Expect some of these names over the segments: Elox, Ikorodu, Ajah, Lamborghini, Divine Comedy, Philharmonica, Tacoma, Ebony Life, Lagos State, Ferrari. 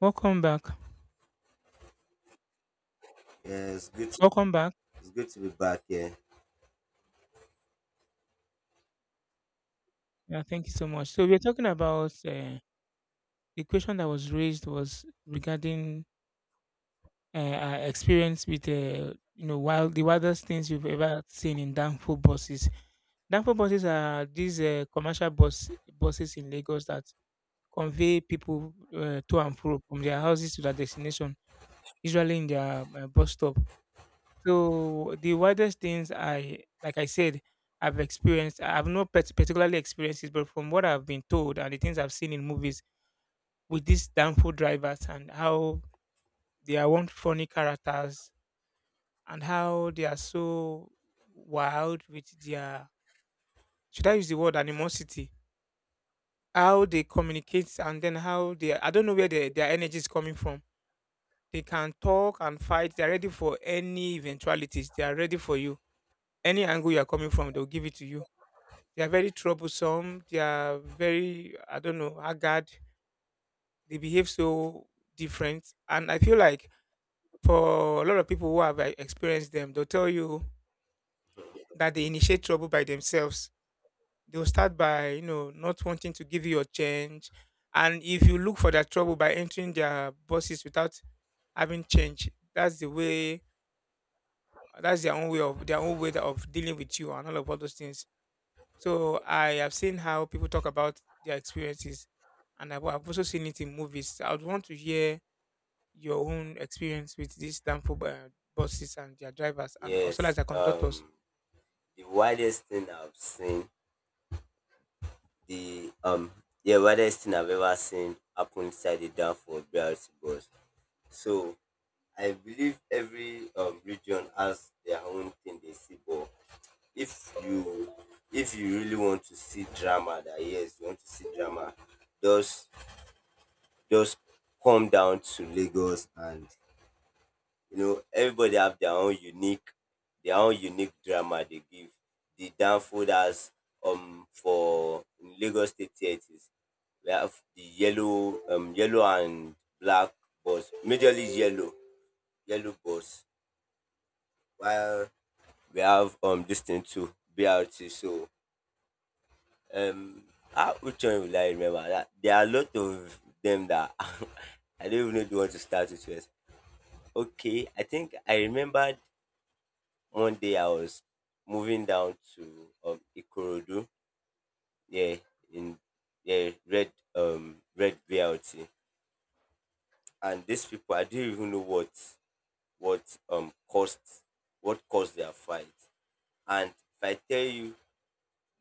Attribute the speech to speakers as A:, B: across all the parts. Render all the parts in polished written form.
A: Welcome back.
B: Yeah, it's good.
A: Welcome back.
B: It's good to be back here.
A: Yeah, thank you so much. So we're talking about the question that was raised was regarding our experience with wild the wildest things you've ever seen in downfall buses. Downfall buses are these commercial buses in Lagos that convey people to and fro from their houses to their destination, usually in their bus stop. So the wildest things like I said, I've experienced. I've not particularly experienced it, but from what I've been told and the things I've seen in movies with these downfall drivers and how they are one funny characters and how they are so wild with their should I use the word animosity? How they communicate and then how they I don't know where their energy is coming from. They can talk and fight. They are ready for any eventualities. They are ready for you. Any angle you are coming from, they'll give it to you. They are very troublesome. They are very, I don't know, haggard. They behave so different. And I feel like for a lot of people who have, like, experienced them, they'll tell you that they initiate trouble by themselves. They'll start by, you know, not wanting to give you your change. And if you look for that trouble by entering their bosses without having change, that's the way, that's their own way of, their own way of dealing with you and all of all those things. So I have seen how people talk about their experiences, and I've also seen it in movies. I would want to hear your own experience with these damnful buses and their drivers, and also as
B: Yes,
A: the conductors.
B: um, the wildest thing I've seen, the um, yeah, wildest thing I've ever seen happen inside the dam for BRT bus. So I believe every region has their own thing they see, but if you if you really want to see drama, that yes, you want to see drama, just just come down to Lagos and you know, everybody have their own unique drama they give. The downfall that's for in Lagos State theatres. We have the yellow and black bus. Majorly yellow bus. While we have this thing too, BRT. So um, which one will I remember? There are a lot of them that I don't even know if you want to start with first. Okay, I think I remembered one day I was moving down to Ikorodu, yeah, in yeah red red VLT, and these people I didn't even know what caused what caused their fight. And if I tell you,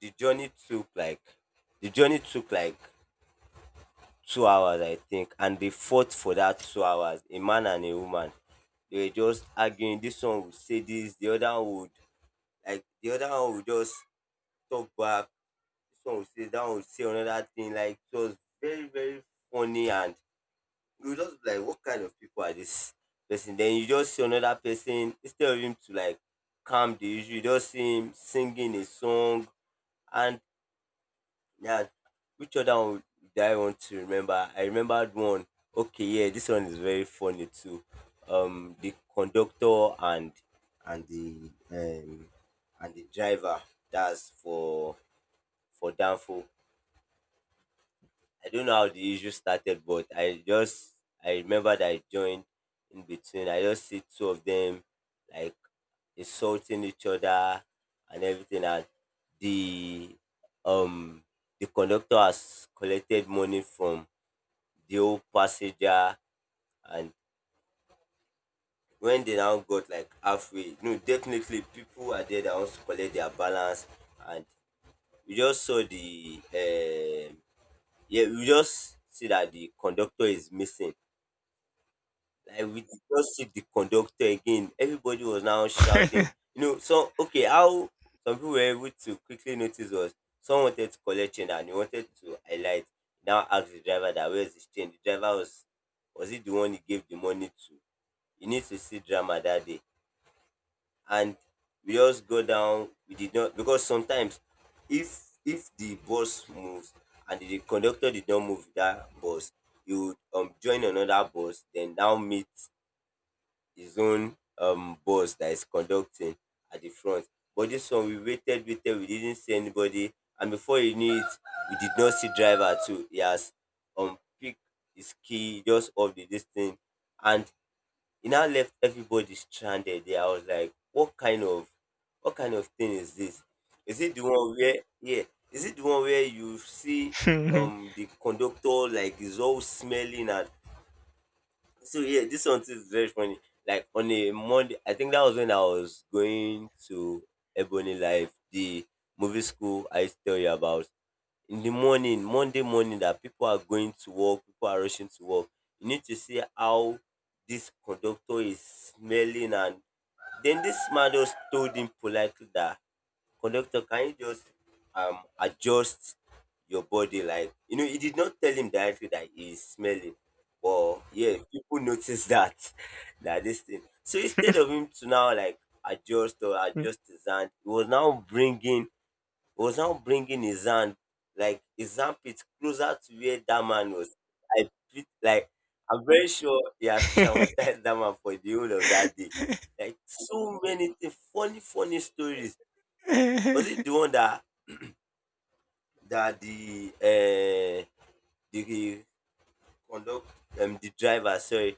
B: the journey took like the journey took like 2 hours, I think, and they fought for that 2 hours, a man and a woman. They were just arguing. This one would say this, the other one would just talk back some say that one will say another thing. Like it was very, very funny and you just be like, what kind of people are this person? Then you just see another person instead of him to like calm the issue, you just see him singing a song and yeah, which other one do I want to remember? I remembered one. Okay, yeah, this one is very funny too. The conductor and the um and the driver that's for danfo. I don't know how the issue started, but I remember that I joined in between. I just see two of them like insulting each other and everything, and the um the conductor has collected money from the old passenger, and when they now got like halfway, no, definitely people are there that wants to collect their balance, and we just saw the um yeah we just see that the conductor is missing. Like we did not see the conductor again. Everybody was now shouting. You know, so okay, how some people were able to quickly notice was someone wanted to collect change and he wanted to highlight. Now asked the driver that where's his change. The driver was it the one he gave the money to? You need to see drama that day. And we just go down. We did not, because sometimes if the bus moves and the conductor did not move that bus, you would join another bus, then now meet his own boss that is conducting at the front. But this one, we waited, waited, we didn't see anybody. And before you knew it, we did not see driver too. He has picked his key just off the distance. And he now left everybody stranded there. I was like, what kind of thing is this? Is it the one where yeah? Is it the one where you see the conductor like is all smelling? And so yeah, this one too is very funny. Like on a Monday, I think that was when I was going to Ebony Life, the movie school I used to tell you about. In the morning, Monday morning, that people are going to work, people are rushing to work. You need to see how this conductor is smelling, and then this man just told him politely that conductor, can you just adjust your body? Like, you know, he did not tell him directly that he's smelling. But yeah, people notice that that this thing. So instead of him to now like adjust or adjust his hand, he was now bringing his hand like his armpit closer to where that man was. I feel like I'm very sure he has traumatized that man for the whole of that day. Like so many things, funny, funny stories. Was it the one that that the conduct the driver, sorry,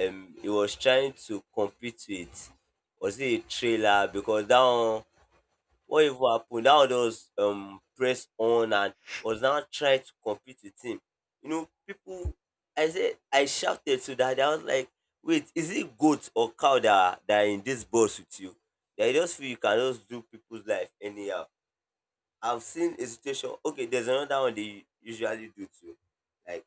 B: he was trying to compete with, was it a trailer, because that one, what even happened, that one was press on and was now trying to compete with him? You know, people, I said I shouted to that, I was like, wait, is it goat or cow that are in this bus with you that you just feel you can just do people's life anyhow? I've seen a situation. Okay, there's another one they usually do too, like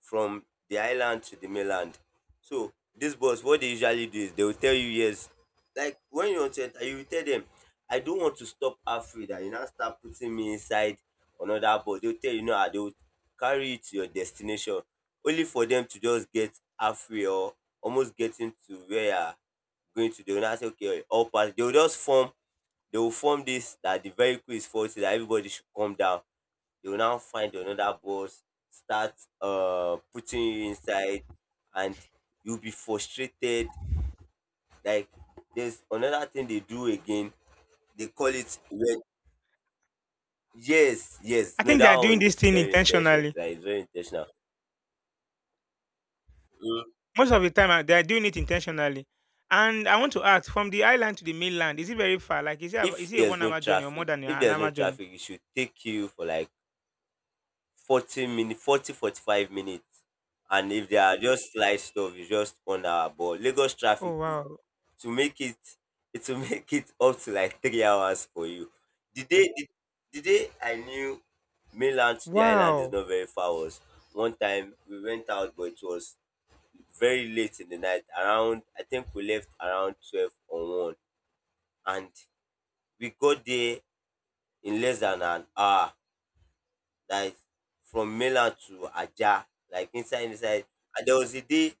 B: from the island to the mainland. So this bus, what they usually do is they will tell you yes. Like when you want to enter, you will tell them, I don't want to stop halfway. That you now start putting me inside another bus. They'll tell you no, ah, they will carry you to your destination, only for them to just get halfway or almost getting to where you are going to. They will now say okay, all pass. They will form this that the vehicle is faulty, that everybody should come down. They will now find another bus, start putting you inside, and you'll be frustrated. Like there's another thing they do again. They call it red. Yes, yes.
A: I
B: No,
A: think they
B: that
A: are doing
B: one
A: this
B: is
A: thing
B: very intentional.
A: intentionally.
B: Like it's very intentional. Mm.
A: Most of the time, they are doing it intentionally. And I want to ask, from the island to the mainland, is it very far? Like, is it is it a one-hour journey or more than
B: If
A: an
B: there's
A: hour
B: no
A: journey?
B: traffic, it should take you for like 40 minutes, forty five minutes. And if they are just light stuff, it's just 1 hour. But Lagos traffic
A: Oh
B: would
A: wow!
B: to make it it will make it up to like 3 hours for you. The day the, the day I knew mainland to the island is
A: Wow!
B: not very far was one time we went out but it was very late in the night. Around I think we left around 12 or one and we got there in less than an hour, like from mainland to Ajah, like inside. And there was a day,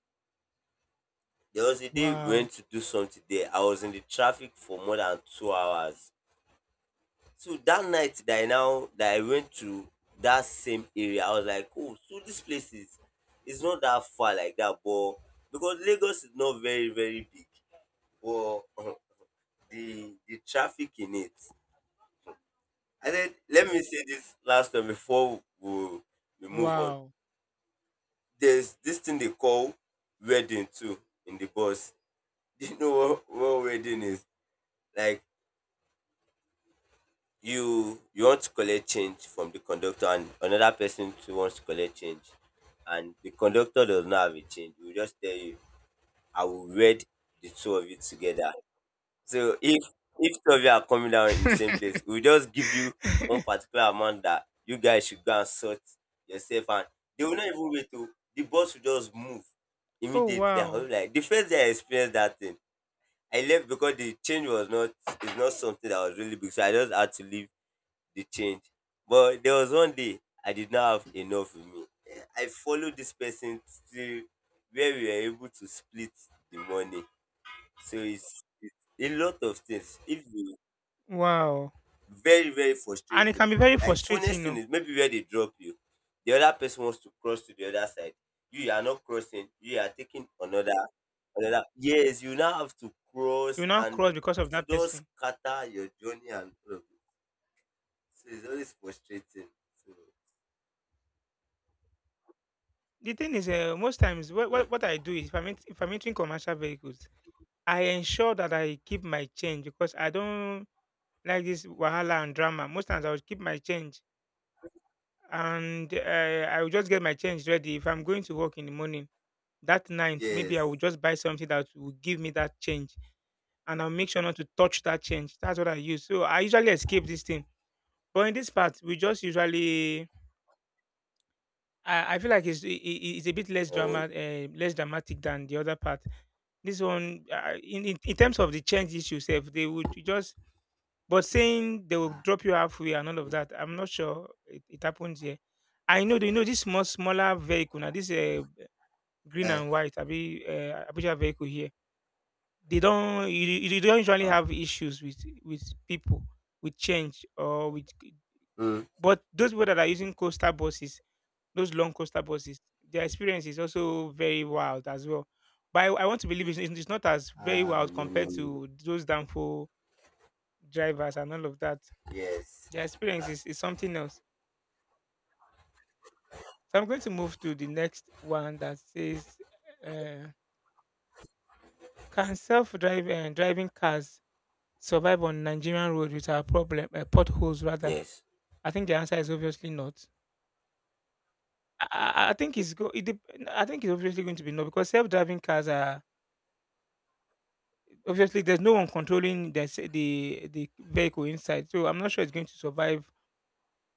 B: we
A: Wow!
B: went to do something there. I was in the traffic for more than 2 hours. So that night that I went to that same area, I was like, oh, so this place is, it's not that far like that, but because Lagos is not very very big, but the traffic in it. I said, let me say this last one before we move on.
A: Wow!
B: There's this thing they call wedding too in the bus. Do you know what wedding is? Like you want to collect change from the conductor and another person too wants to collect change and the conductor does not have a change. He will just tell you, I will read the two of you together. So if two of you are coming down in the same place, we'll just give you one particular amount that you guys should go and sort yourself and they will not even wait to, the boss will just move
A: Oh
B: immediately. I was
A: wow!
B: like the first day I experienced that thing, I left because the change was not, is not something that was really big. So I just had to leave the change. But there was one day I did not have enough with me. Eh, I followed this person till where we were able to split the money. So it's a lot of things. If you,
A: Wow.
B: very, very
A: And it
B: frustrating.
A: can be very
B: Like
A: frustrating,
B: funniest
A: you
B: thing
A: know.
B: is maybe where they drop you, the other person wants to cross to the other side. You are not crossing, you are taking another, yes, you now have to
A: You
B: cross
A: now
B: and
A: cross because of
B: it
A: that
B: will just
A: person.
B: scatter your journey and all of it. So it's always frustrating. So
A: The thing is, most times, what
B: mm,
A: I do is, if I'm entering commercial vehicles, I ensure that I keep my change because I don't like this wahala and drama. Most times, I will keep my change and I will just get my change ready. If I'm going to work in the morning, that night, maybe I will
B: yes.
A: just buy something that will give me that change and I'll make sure not to touch that change. That's what I use. So I usually escape this thing. But in this part, we just usually I feel like it's it's a bit less drama
B: Oh,
A: less dramatic than the other part. This one, in terms of the change issues, self they would just but saying they will
B: ah,
A: drop you halfway and all of that. I'm not sure it happens here. I know you know this small smaller vehicle now. This green
B: eh,
A: and white Abi Abuja vehicle here. They don't you don't usually
B: ah,
A: have issues with people with change or with
B: mm.
A: but those people that are using coastal buses those long coaster buses. Their experience is also very wild as well. But I want to believe it's not as very
B: Ah,
A: wild
B: no,
A: compared
B: no, no.
A: to those downfall drivers and all of that.
B: Yes.
A: Their experience is something else. So I'm going to move to the next one that says, uh, "Can self-drive driving cars survive on Nigerian road with our problem potholes?" Rather,
B: Yes.
A: I think the answer is obviously not. I I think it's go. I think it's obviously going to be no because self-driving cars are obviously there's no one controlling the the vehicle inside, so I'm not sure it's going to survive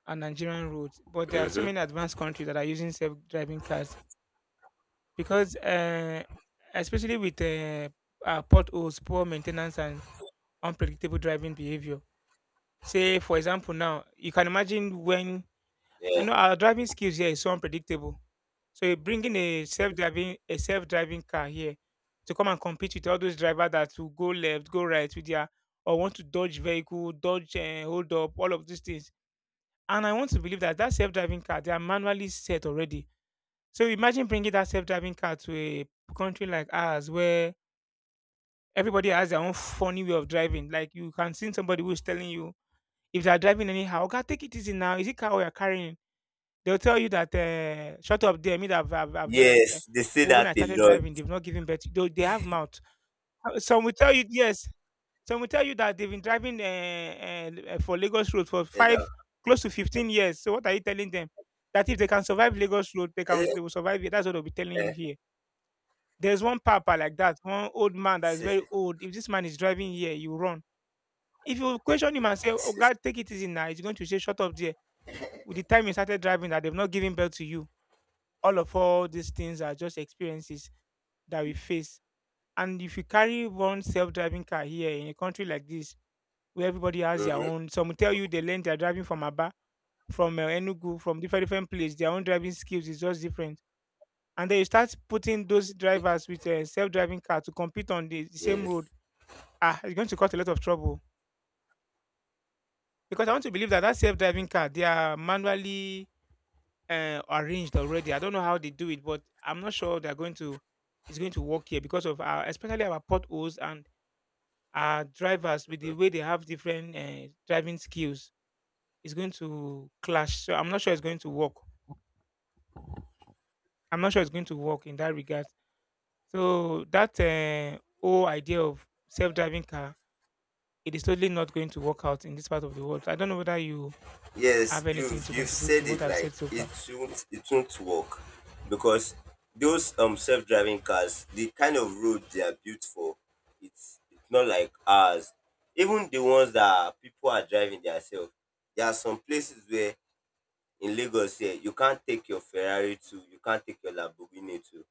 A: a Nigerian road. But there are so
B: Mm-hmm.
A: many advanced countries that are using self-driving cars because, especially with potholes, poor maintenance, and unpredictable driving behavior. Say, for example, now you can imagine when I know our driving skills here is so unpredictable. So you're bringing a self-driving car here to come and compete with all those drivers that will go left, go right with their or want to dodge vehicle, dodge and hold up, all of these things. And I want to believe that that self-driving car they are manually set already. So imagine bringing that self-driving car to a country like ours where everybody has their own funny way of driving. Like you can see somebody who's telling you if they are driving anyhow, God, take it easy now. Is it car we are carrying? They'll tell you that, "Shut up there, me that I've
B: Yes, they say
A: well, when
B: that
A: I
B: a
A: started
B: lot.
A: driving, they've not given birth." Though they have mouth. Some will tell you yes, some will tell you that they've been driving, for Lagos road for
B: You know.
A: 5, close to 15 years. So what are you telling them? That if they can survive Lagos road,
B: I
A: they
B: don't-
A: will survive it. That's what they'll be telling you
B: eh.
A: here. There's one papa like that, one old man that is very old. If this man is driving here, you run. If you question him and say, "Oh God, take it easy now," he's going to say, "Shut up there. With the time you started driving, that they've not given birth to you." All of all these things are just experiences that we face. And if you carry one self-driving car here in a country like this, where everybody has their
B: Mhm.
A: own, some will tell you they learn their driving from Aba, from Enugu, from different different places. Their own driving skills is just different. And then you start putting those drivers with a self-driving car to compete on the same road.
B: Yes.
A: Ah, it's going to cause a lot of trouble because I want to believe that that self-driving car they are manually arranged already. I don't know how they do it, but I'm not sure they're going to it's going to work here because of our especially our potholes and our drivers with the
B: Mhm.
A: way they have different driving skills. It's going to clash. So I'm not sure it's going to work. I'm not sure it's going to work in that regard. So that whole idea of self-driving car, it is totally not going to work out in this part of the world. I don't know whether you
B: Yes,
A: have anything
B: you've
A: to
B: you've
A: contribute to
B: said
A: what
B: it,
A: I've
B: like
A: said so
B: it
A: far?
B: won't, it won't work because those self-driving cars, the kind of road they are built for, it's not like ours. Even the ones that people are driving themselves, there are some places where in Lagos here you can't take your Ferrari to, you can't take your Lamborghini to.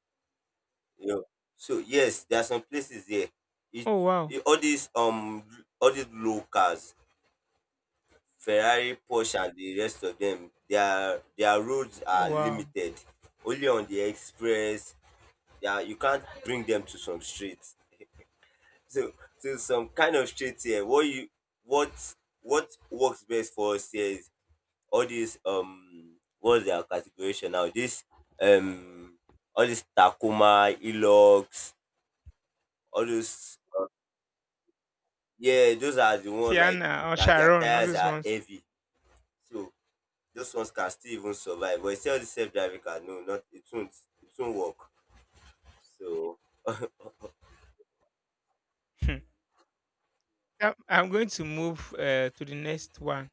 B: You know, so yes there are some places there, it,
A: Oh wow!
B: it all these low cars, Ferrari, Porsche and the rest of them, their roads
A: Oh
B: are
A: wow!
B: limited only on the express. They are, you can't bring them to some streets. So so some kind of streets here, what you what what works best for us here is all these what's their categorization now, this um all these Tacoma, Elox, all those. Yeah, those are the ones like
A: Tiana or
B: that their
A: Sharon, all
B: tires
A: these
B: are
A: ones.
B: heavy. So those ones can still even survive. But you see all the self driving car, no, not, it won't, it won't work. So
A: Hmm. Now, I'm going to move to the next one.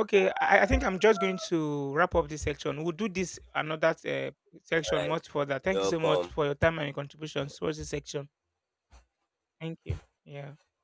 A: Okay, I think I'm just going to wrap up this section. We'll do this another section
B: alright,
A: much further. Thank
B: you're
A: you so much
B: welcome.
A: for your time and your contributions towards this section. Thank you. Yeah.